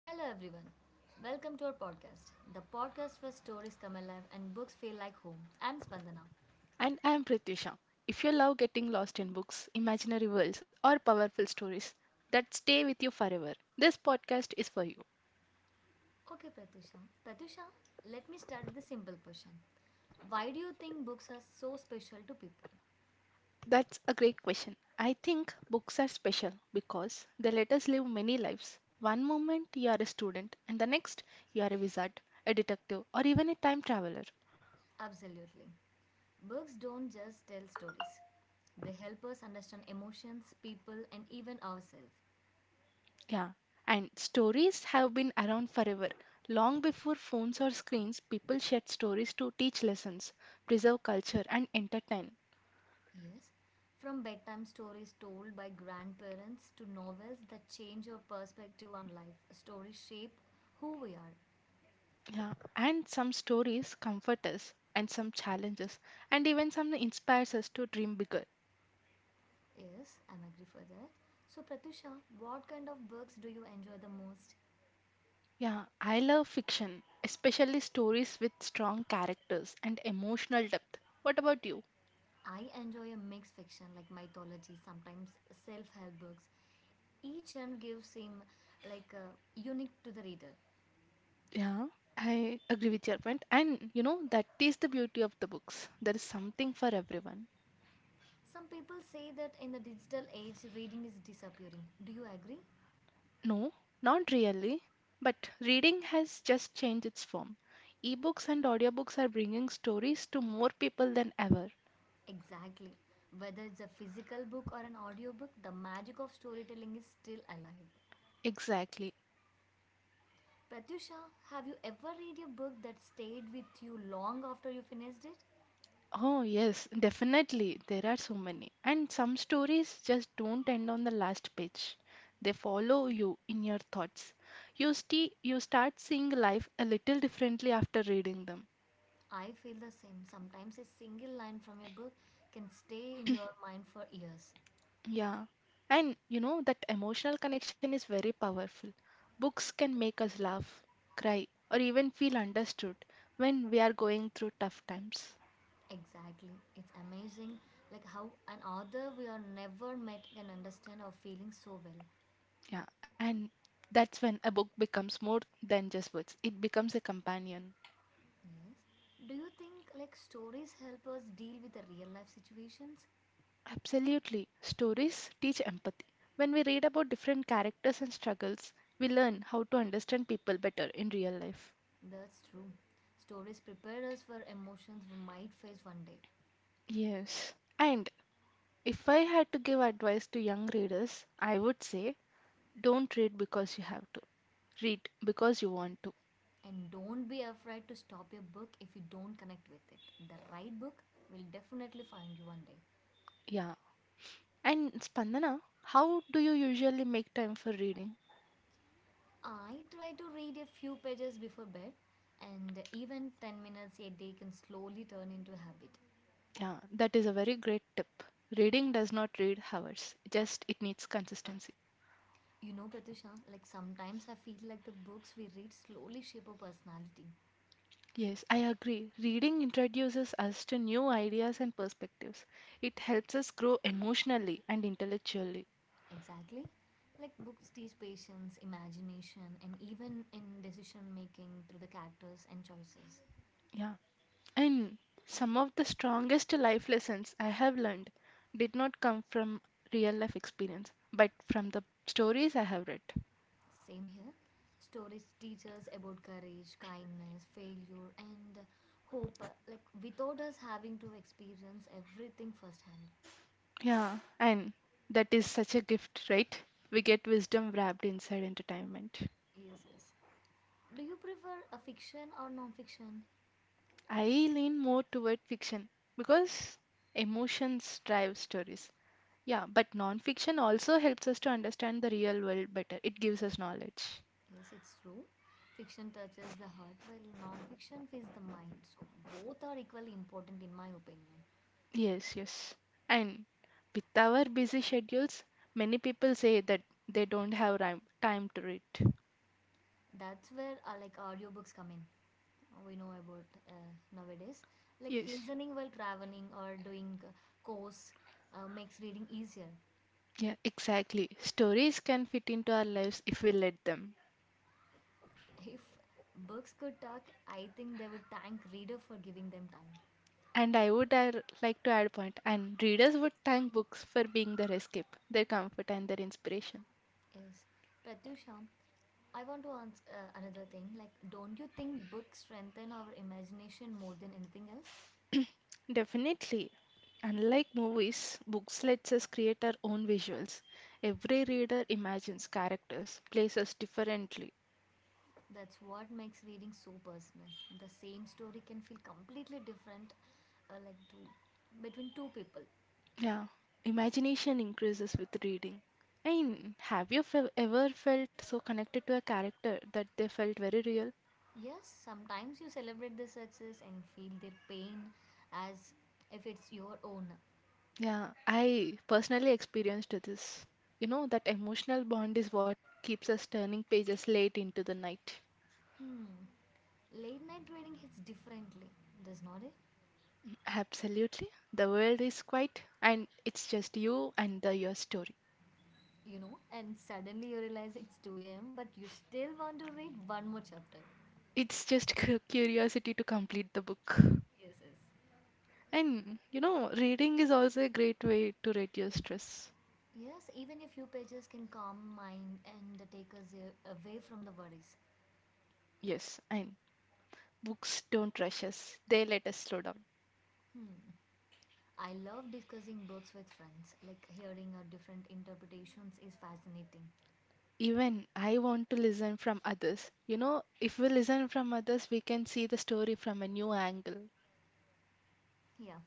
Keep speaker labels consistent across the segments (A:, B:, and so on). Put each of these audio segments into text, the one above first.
A: Hello, everyone. Welcome to our podcast, the podcast where stories come alive and books feel like home. I'm Spandana.
B: And I am Pritisha. If you love getting lost in books, imaginary worlds, or powerful stories that stay with you forever, this podcast is for you.
A: Okay, Pratusha. Pratusha, let me start with a simple question. Why do you think books are so special to people?
B: That's a great question. I think books are special because they let us live many lives. One moment you are a student, and the next you are a wizard, a detective, or even a time traveler.
A: Absolutely. Books don't just tell stories, they help us understand emotions, people, and even ourselves.
B: Yeah, and stories have been around forever. Long before phones or screens, people shared stories to teach lessons, preserve culture, and entertain.
A: Yes, from bedtime stories told by grandparents to novels that change your perspective on life, stories shape who we are.
B: Yeah, and some stories comfort us, and some challenges, and even some inspires us to dream bigger.
A: Yes, I'm agree for that. So Pratusha, what kind of books do you enjoy the most?
B: Yeah, I love fiction, especially stories with strong characters and emotional depth. What about you?
A: I enjoy a mixed fiction like mythology, sometimes self-help books. Each genre gives him like unique to the reader.
B: Yeah, I agree with your point. And you know, that is the beauty of the books. There is something for everyone.
A: Some people say that in the digital age, reading is disappearing. Do you agree?
B: No, not really. But reading has just changed its form. Ebooks and audiobooks are bringing stories to more people than ever.
A: Exactly. Whether it's a physical book or an audiobook, the magic of storytelling is still alive.
B: Exactly.
A: Pratusha, have you ever read a book that stayed with you long after you finished it?
B: Oh, yes, definitely. There are so many. And some stories just don't end on the last page. They follow you in your thoughts. You start seeing life a little differently after reading them.
A: I feel the same. Sometimes a single line from a book can stay in your mind for years.
B: Yeah. And you know that emotional connection is very powerful. Books can make us laugh, cry, or even feel understood when we are going through tough times.
A: Exactly. It's amazing like how an author we are never met can understand our feelings so well.
B: Yeah, and that's when a book becomes more than just words. It becomes a companion.
A: Yes. Do you think like stories help us deal with the real life situations?
B: Absolutely. Stories teach empathy. When we read about different characters and struggles, we learn how to understand people better in real life.
A: That's true. Stories prepare us for emotions we might face one day.
B: Yes. And if I had to give advice to young readers, I would say don't read because you have to, read because you want to.
A: And don't be afraid to stop your book if you don't connect with it. The right book will definitely find you one day.
B: Yeah. And Spandana, how do you usually make time for reading?
A: I try to read a few pages before bed, and even 10 minutes a day can slowly turn into a habit.
B: Yeah, that is a very great tip. Reading does not read hours, just it needs consistency.
A: You know, Pratusha, like sometimes I feel like the books we read slowly shape our personality.
B: Yes, I agree. Reading introduces us to new ideas and perspectives. It helps us grow emotionally and intellectually.
A: Exactly. Like books teach patience, imagination, and even in decision making through the characters and choices.
B: Yeah. And some of the strongest life lessons I have learned did not come from real life experience, but from the stories I have read.
A: Same here. Stories teach us about courage, kindness, failure, and hope, like without us having to experience everything firsthand.
B: Yeah. And that is such a gift, right? We get wisdom wrapped inside entertainment.
A: Yes, yes. Do you prefer a fiction or non-fiction?
B: I lean more toward fiction because emotions drive stories. Yeah, but nonfiction also helps us to understand the real world better. It gives us knowledge.
A: Yes, it's true. Fiction touches the heart, while non-fiction feeds the mind. So both are equally important in my opinion.
B: Yes, yes. And with our busy schedules, many people say that they don't have time to read.
A: That's where like audiobooks come in. We know about nowadays, like
B: Yes.
A: listening while traveling or doing course makes reading easier.
B: Yeah, exactly. Stories can fit into our lives if we let them.
A: If books could talk, I think they would thank reader for giving them time.
B: And like to add a point, and readers would thank books for being their escape, their comfort, and their inspiration.
A: Yes, Pratyusha, I want to ask another thing. Like, don't you think books strengthen our imagination more than anything else?
B: Definitely. Unlike movies, books lets us create our own visuals. Every reader imagines characters, places differently.
A: That's what makes reading so personal. The same story can feel completely different, like to between two people.
B: Yeah, imagination increases with reading. And have you ever felt so connected to a character that they felt very real?
A: Yes, sometimes you celebrate their success and feel their pain as if it's your own.
B: Yeah, I personally experienced this. You know, that emotional bond is what keeps us turning pages late into the night.
A: Hmm. Late night reading hits differently, does not it?
B: Absolutely. The world is quiet and it's just you and your story.
A: You know, and suddenly you realize it's 2 a.m., but you still want to read one more chapter.
B: It's just curiosity to complete the book.
A: Yes, yes.
B: And you know, reading is also a great way to reduce stress.
A: Yes, even a few pages can calm mind and take us away from the worries.
B: Yes, and books don't rush us, they let us slow down.
A: Hmm. I love discussing books with friends. Like hearing our different interpretations is fascinating.
B: Even I want to listen from others. You know, if we listen from others, we can see the story from a new angle.
A: Yeah.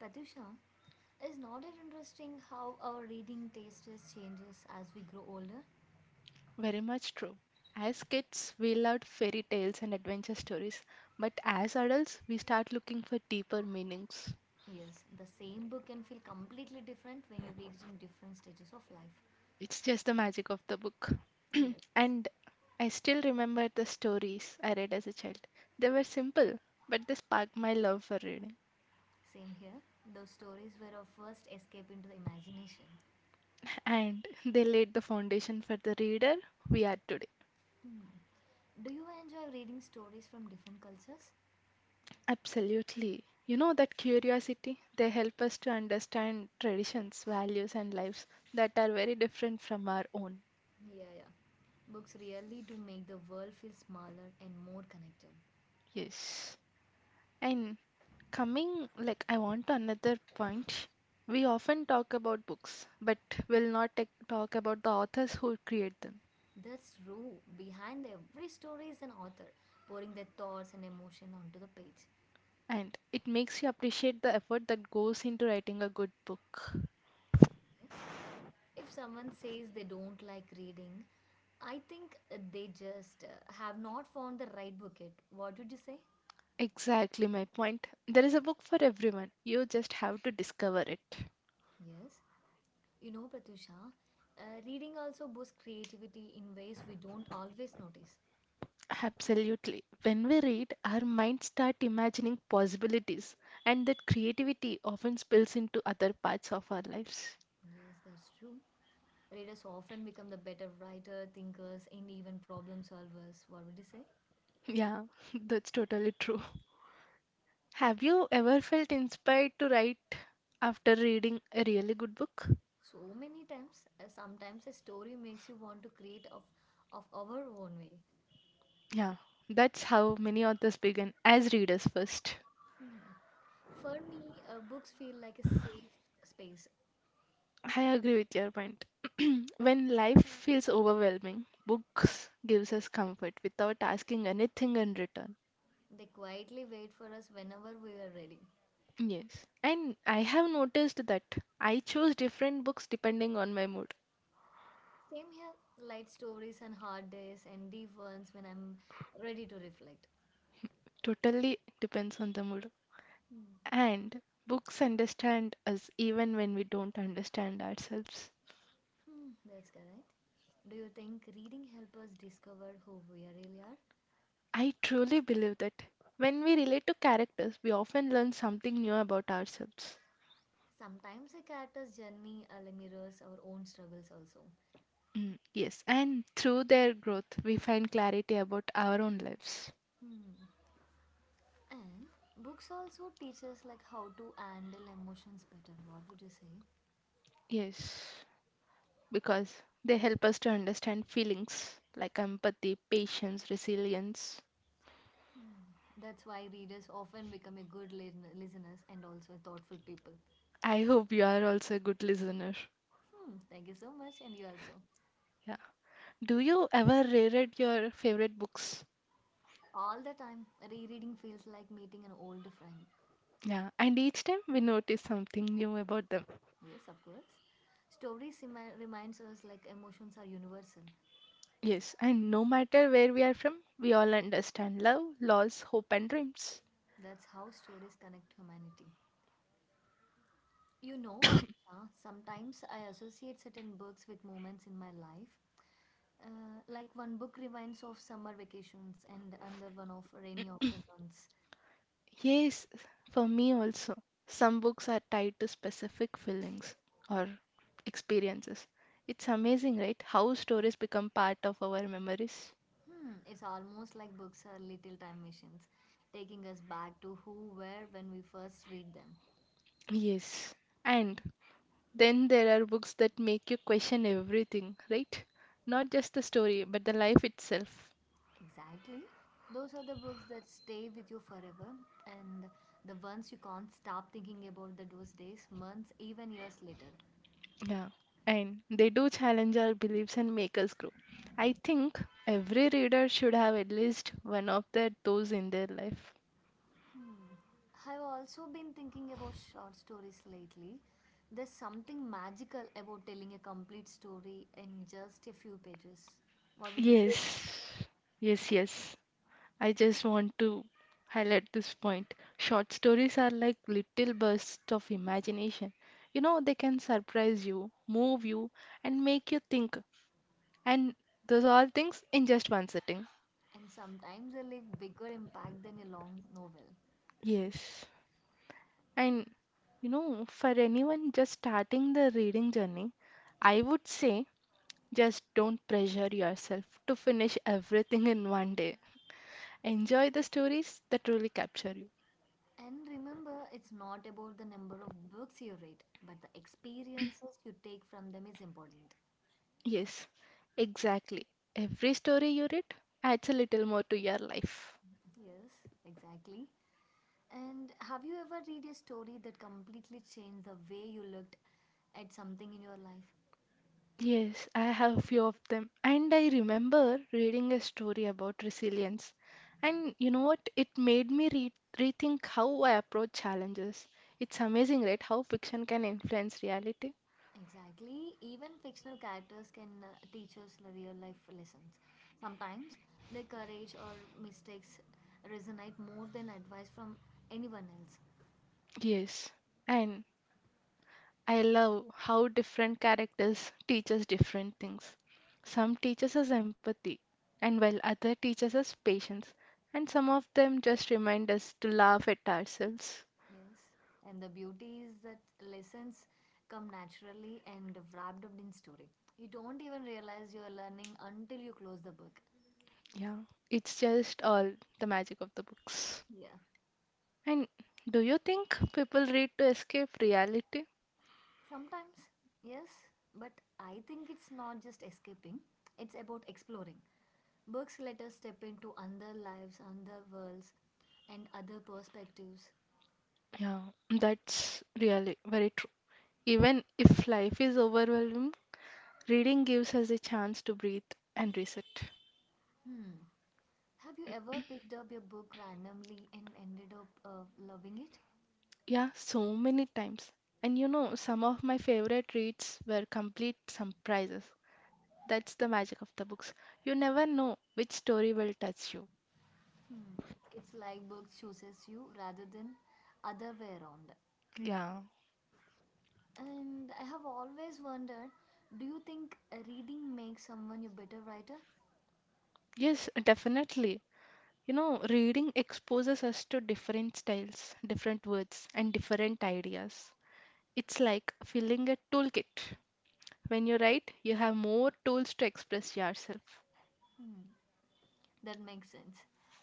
A: Patusha, is not it interesting how our reading taste is changes as we grow older?
B: Very much true. As kids, we loved fairy tales and adventure stories, but as adults, we start looking for deeper meanings.
A: Yes, the same book can feel completely different when you read it in different stages of life.
B: It's just the magic of the book.
A: Yes.
B: And I still remember the stories I read as a child. They were simple, but they sparked my love for reading.
A: Same here. Those stories were our first escape into the imagination.
B: And they laid the foundation for the reader we are today.
A: Hmm. Do you enjoy reading stories from different cultures?
B: Absolutely. You know that curiosity, they help us to understand traditions, values, and lives that are very different from our own.
A: Yeah, yeah. Books really do make the world feel smaller and more connected.
B: Yes. And coming, like, I want another point. We often talk about books, but will not ta- talk about the authors who create them.
A: That's true. Behind every story is an author pouring their thoughts and emotion onto the page.
B: And it makes you appreciate the effort that goes into writing a good book.
A: Yes. If someone says they don't like reading, I think they just have not found the right book yet. What would you say?
B: Exactly my point. There is a book for everyone. You just have to discover it.
A: Yes. You know, Pratyusha, reading also boosts creativity in ways we don't always notice.
B: Absolutely. When we read, our minds start imagining possibilities, and that creativity often spills into other parts of our lives.
A: Yes, that's true. Readers often become the better writer, thinkers, and even problem solvers. What would you say?
B: Yeah, that's totally true. Have you ever felt inspired to write after reading a really good book?
A: So many times, sometimes a story makes you want to create of our own way.
B: Yeah, that's how many authors begin as readers first.
A: Hmm. For me, books feel like a safe space.
B: I agree with your point. When life feels overwhelming, books gives us comfort without asking anything in return.
A: They quietly wait for us whenever we are ready.
B: Yes, and I have noticed that I choose different books depending on my mood.
A: Same here, light stories and hard days and deep ones when I'm ready to reflect.
B: Totally depends on the mood.
A: Hmm.
B: And books understand us even when we don't understand ourselves.
A: Hmm, that's correct. Do you think reading helps us discover who we really are?
B: I truly believe that when we relate to characters, we often learn something new about ourselves.
A: Sometimes a character's journey like, mirrors our own struggles also.
B: Mm, yes, and through their growth, we find clarity about our own lives.
A: Hmm. And books also teach us like how to handle emotions better. What would you say?
B: Yes, because they help us to understand feelings like empathy, patience, resilience.
A: Hmm. That's why readers often become a good listeners and also a thoughtful people.
B: I hope you are also a good listener.
A: Hmm. Thank you so much, and you also.
B: Yeah. Do you ever reread your favorite books?
A: All the time, rereading feels like meeting an old friend.
B: Yeah, and each time we notice something new about them.
A: Yes, of course. Stories reminds us like emotions are universal.
B: Yes, and no matter where we are from, we all understand love, loss, hope, and dreams.
A: That's how stories connect humanity. You know, Pratisha, sometimes I associate certain books with moments in my life. Like one book reminds of summer vacations and another one of rainy afternoons.
B: Yes, for me also. Some books are tied to specific feelings or experiences. It's amazing, right? How stories become part of our memories.
A: Hmm, it's almost like books are little time machines, taking us back to who were when we first read them.
B: Yes, and then there are books that make you question everything, right? Not just the story, but the life itself.
A: Exactly. Those are the books that stay with you forever and the ones you can't stop thinking about the those days, months, even years later.
B: Yeah, and they do challenge our beliefs and make us grow. I think every reader should have at least one of that those in their life.
A: Hmm. I've also been thinking about short stories lately. There's something magical about telling a complete story in just a few pages. What would you say?
B: Yes, yes, yes. I just want to highlight this point. Short stories are like little bursts of imagination. You know, they can surprise you, move you, and make you think. And those all things in just one sitting.
A: And sometimes they leave bigger impact than a long novel.
B: Yes. And you know, for anyone just starting the reading journey, I would say just don't pressure yourself to finish everything in one day. Enjoy the stories that truly capture you.
A: And remember, it's not about the number of books you read, but the experiences you take from them is important.
B: Yes, exactly. Every story you read adds a little more to your life.
A: Yes, exactly. And have you ever read a story that completely changed the way you looked at something in your life?
B: Yes, I have a few of them. And I remember reading a story about resilience. And you know what? It made me re rethink how I approach challenges. It's amazing, right? How fiction can influence reality.
A: Exactly. Even fictional characters can teach us the real life lessons. Sometimes their courage or mistakes resonate more than advice from anyone else.
B: Yes. And I love how different characters teach us different things. Some teaches us empathy, and while other teaches us patience. And some of them just remind us to laugh at ourselves.
A: Yes. And the beauty is that lessons come naturally and wrapped up in story. You don't even realize you're learning until you close the book.
B: Yeah, it's just all the magic of the books.
A: Yeah.
B: And do you think people read to escape reality?
A: Sometimes, yes, but I think it's not just escaping, it's about exploring. Books let us step into other lives, other worlds, and other perspectives.
B: Yeah, that's really very true. Even if life is overwhelming, reading gives us a chance to breathe and reset.
A: Hmm. Have you ever picked up your book randomly and ended up loving it?
B: Yeah, so many times. And you know, some of my favorite reads were complete surprises. That's the magic of the books. You never know which story will touch you.
A: Hmm. It's like books chooses you rather than other way around.
B: Yeah.
A: And I have always wondered, do you think reading makes someone a better writer?
B: Yes, definitely. You know, reading exposes us to different styles, different words, and different ideas. It's like filling a toolkit. When you write, you have more tools to express yourself.
A: Hmm. That makes sense.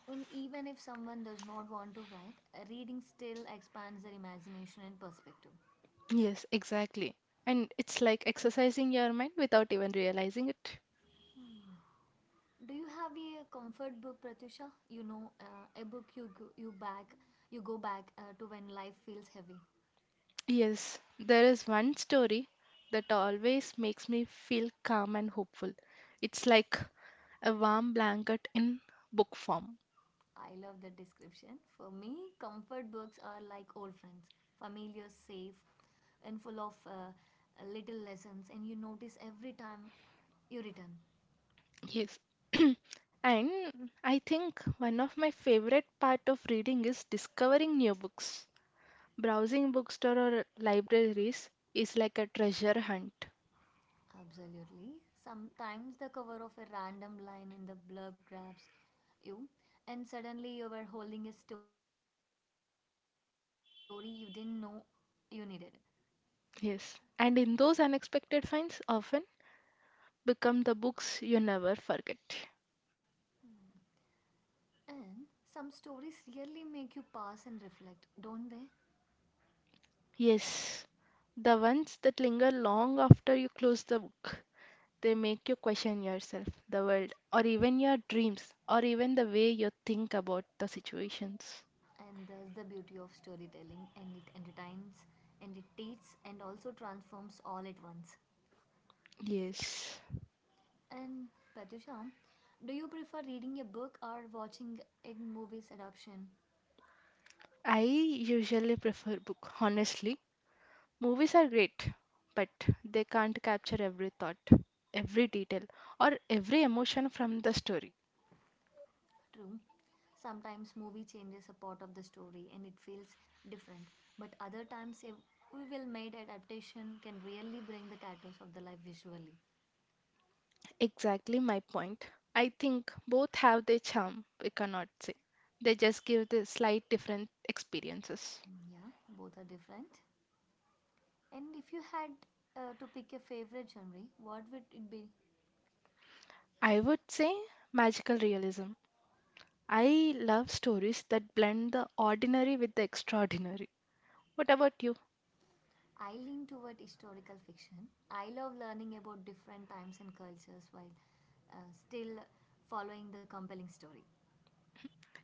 A: And even if someone does not want to write, reading still expands their imagination and perspective.
B: Yes, exactly. And it's like exercising your mind without even realizing it.
A: Do you have a comfort book, Pratusha? You know, a book you go back to when life feels heavy.
B: Yes, there is one story that always makes me feel calm and hopeful. It's like a warm blanket in book form.
A: I love that description. For me, comfort books are like old friends, familiar, safe, and full of little lessons. And you notice every time you return.
B: Yes. And I think one of my favorite part of reading is discovering new books. Browsing bookstore or libraries is like a treasure hunt.
A: Absolutely. Sometimes the cover of a random line in the blurb grabs you, and suddenly you were holding a story you didn't know you needed.
B: Yes. And in those unexpected finds often become the books you never forget.
A: And some stories really make you pause and reflect, don't they?
B: Yes. The ones that linger long after you close the book. They make you question yourself, the world, or even your dreams, or even the way you think about the situations.
A: And that's the beauty of storytelling, and it entertains, and it teaches, and also transforms all at once.
B: Yes.
A: And Patusha, do you prefer reading a book or watching a movie's adaptation?
B: I usually prefer book, honestly. Movies are great, but they can't capture every thought, every detail, or every emotion from the story.
A: True. Sometimes movie changes a part of the story and it feels different, but other times a well made adaptation can really bring the characters of the life visually.
B: Exactly my point. I think both have their charm, we cannot say. They just give the slight different experiences.
A: Mm, yeah, both are different. And if you had to pick a favorite genre, what would it be?
B: I would say magical realism. I love stories that blend the ordinary with the extraordinary. What about you?
A: I lean toward historical fiction. I love learning about different times and cultures while still following the compelling story.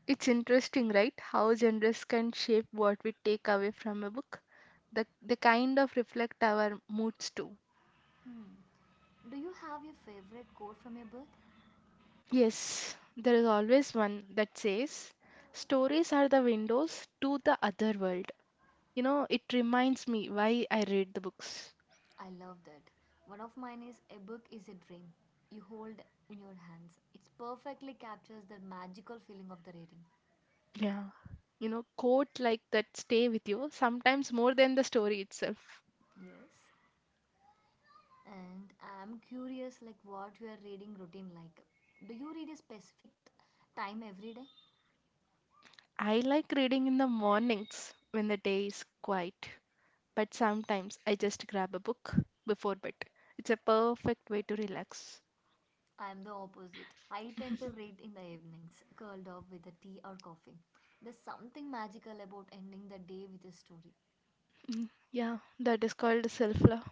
B: It's interesting, right? How genres can shape what we take away from a book. They kind of reflect our moods too.
A: Hmm. Do you have your favorite quote from a book?
B: Yes, there is always one that says, "Stories are the windows to the other world." You know, it reminds me why I read the books.
A: I love that. One of mine is A Book is a Dream. You hold in your hands. It perfectly captures the magical feeling of the reading.
B: Yeah. You know, quote like that stay with you, sometimes more than the story itself.
A: Yes. And I'm curious like what your reading routine like. Do you read a specific time every day?
B: I like reading in the mornings when the day is quiet. But sometimes I just grab a book before bed. It's a perfect way to relax.
A: I'm the opposite. I tend to read in the evenings, curled up with a tea or coffee. There's something magical about ending the day with a story.
B: Mm, yeah, that is called self-love.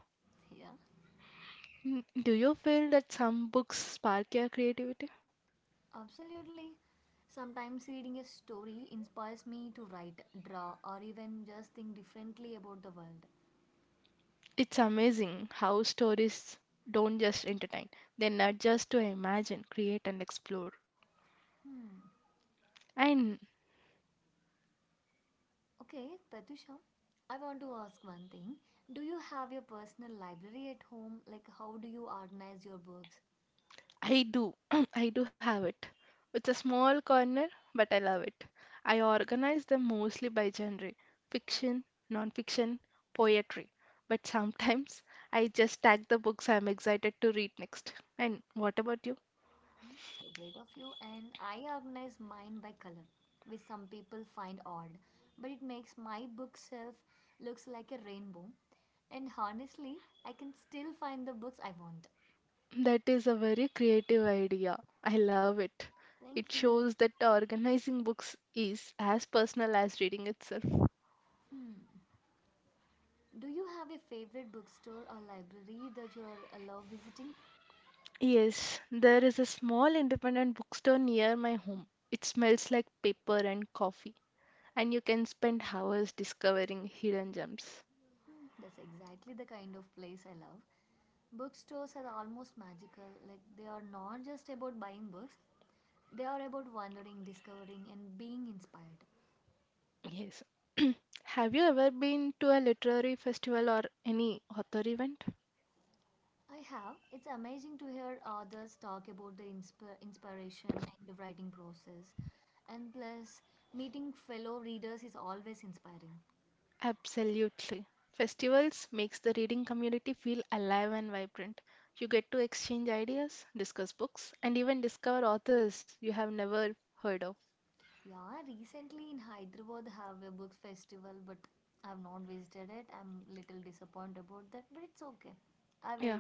A: Yeah.
B: Mm, do you feel that some books spark your creativity?
A: Absolutely. Sometimes reading a story inspires me to write, draw, or even just think differently about the world.
B: It's amazing how stories don't just entertain, they nudge us to imagine, create, and explore.
A: Hmm.
B: And
A: Okay, Pratusha, I want to ask one thing. Do you have your personal library at home? Like, how do you organize your books?
B: I do. I do have it. It's a small corner, but I love it. I organize them mostly by genre: fiction, non fiction, poetry. But sometimes I just tag the books I'm excited to read next. And what about you?
A: Hmm, so great of you. And I organize mine by color, which some people find odd, but it makes my bookshelf looks like a rainbow. And honestly, I can still find the books I want.
B: That is a very creative idea. I love it. It
A: Thank you.
B: shows that organizing books is as personal as reading itself.
A: Do you have a favorite bookstore or library that you love visiting?
B: Yes, there is a small independent bookstore near my home. It smells like paper and coffee, and you can spend hours discovering hidden gems.
A: Hmm, that's exactly the kind of place I love. Bookstores are almost magical, like, they are not just about buying books, they are about wandering, discovering, and being inspired.
B: Yes. Have you ever been to a literary festival or any author event?
A: I have. It's amazing to hear others talk about the inspiration and the writing process. And plus, meeting fellow readers is always inspiring.
B: Absolutely. Festivals makes the reading community feel alive and vibrant. You get to exchange ideas, discuss books, and even discover authors you have never heard of.
A: Yeah, recently in Hyderabad have a book festival, but I've not visited it. I'm little disappointed about that, but it's okay. I
B: Yeah,
A: will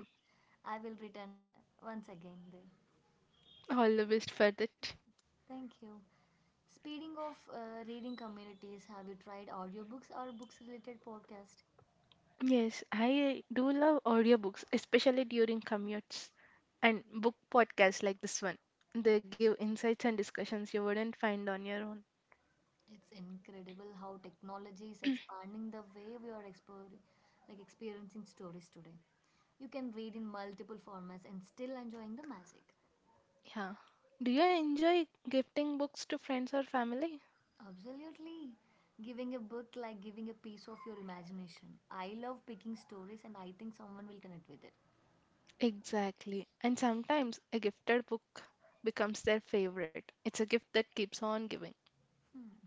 A: I will return once again there.
B: all the best for that.
A: Thank you. Speaking of reading communities, have you tried audiobooks or books related podcast?
B: Yes, I do love audiobooks, especially during commutes and book podcasts like this one. They give insights and discussions you wouldn't find on your own.
A: It's incredible how technology is expanding the way we are exploring like experiencing stories today. You can read in multiple formats and still enjoying the magic.
B: Yeah. Do you enjoy gifting books to friends or family?
A: Absolutely. Giving a book like giving a piece of your imagination. I love picking stories and I think someone will connect with it.
B: Exactly. And sometimes a gifted book becomes their favorite. It's a gift that keeps on giving.
A: Hmm.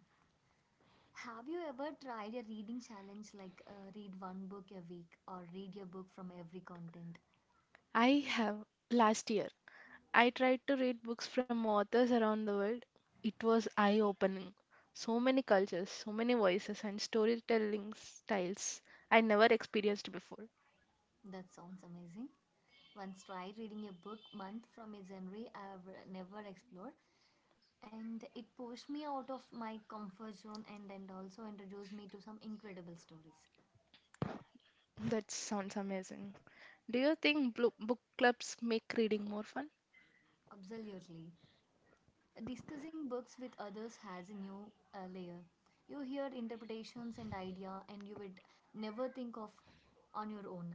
A: Have you ever tried a reading challenge like read one book a week or read your book from every content?
B: I have last year I tried to read books from authors around the world. It was eye opening. So many cultures, so many voices, and storytelling styles I never experienced before.
A: That sounds amazing. Once tried reading a book month from a genre I have never explored and it pushed me out of my comfort zone and also introduced me to some incredible stories.
B: That sounds amazing. Do you think book clubs make reading more fun?
A: Absolutely. Discussing books with others has a new layer. You hear interpretations and idea and you would never think of on your own.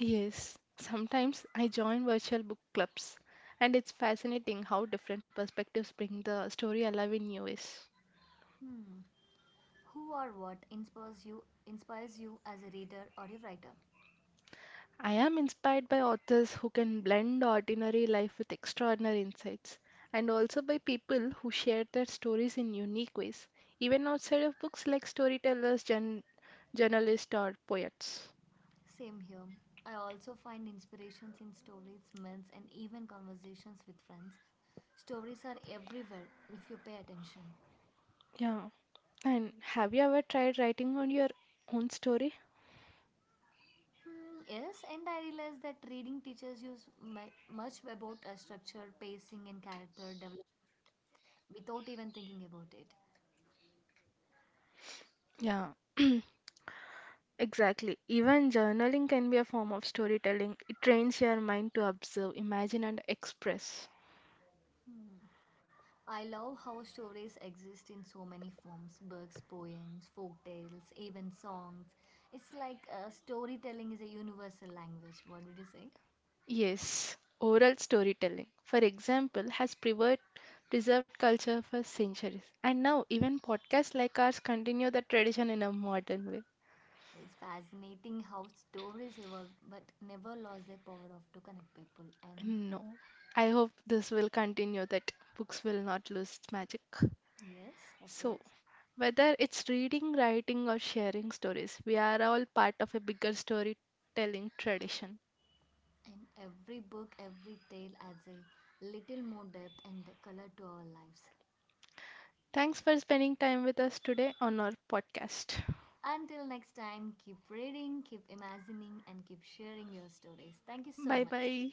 B: Yes, sometimes I join virtual book clubs, and it's fascinating how different perspectives bring the story alive in new ways.
A: Hmm. Who or what inspires you as a reader or a writer?
B: I am inspired by authors who can blend ordinary life with extraordinary insights, and also by people who share their stories in unique ways, even outside of books like storytellers, journalists, or poets.
A: Same here. I also find inspirations in stories, myths and even conversations with friends. Stories are everywhere if you pay attention.
B: Yeah. And have you ever tried writing on your own story?
A: Hmm, yes, and I realize that reading teaches you s- mu- much about structure, pacing, and character development without even thinking about it.
B: Yeah, exactly. Even journaling can be a form of storytelling. It trains your mind to observe, imagine, and express.
A: I love how stories exist in so many forms books, poems, folk tales, even songs. It's like storytelling is a universal language. What would you say?
B: Yes, oral storytelling, for example, has preserved culture for centuries. And now, even podcasts like ours continue the tradition in a modern way.
A: It's fascinating how stories evolve but never lost their power of to connect people. And
B: No, I hope this will continue, that books will not lose its magic.
A: yes, of
B: So,
A: course.
B: whether it's reading, writing, or sharing stories, we are all part of a bigger storytelling tradition.
A: And every book, every tale adds a little more depth and color to our lives.
B: Thanks for spending time with us today on our podcast.
A: Until next time, keep reading, keep imagining, and keep sharing your stories. Thank you so
B: Bye
A: much.
B: bye.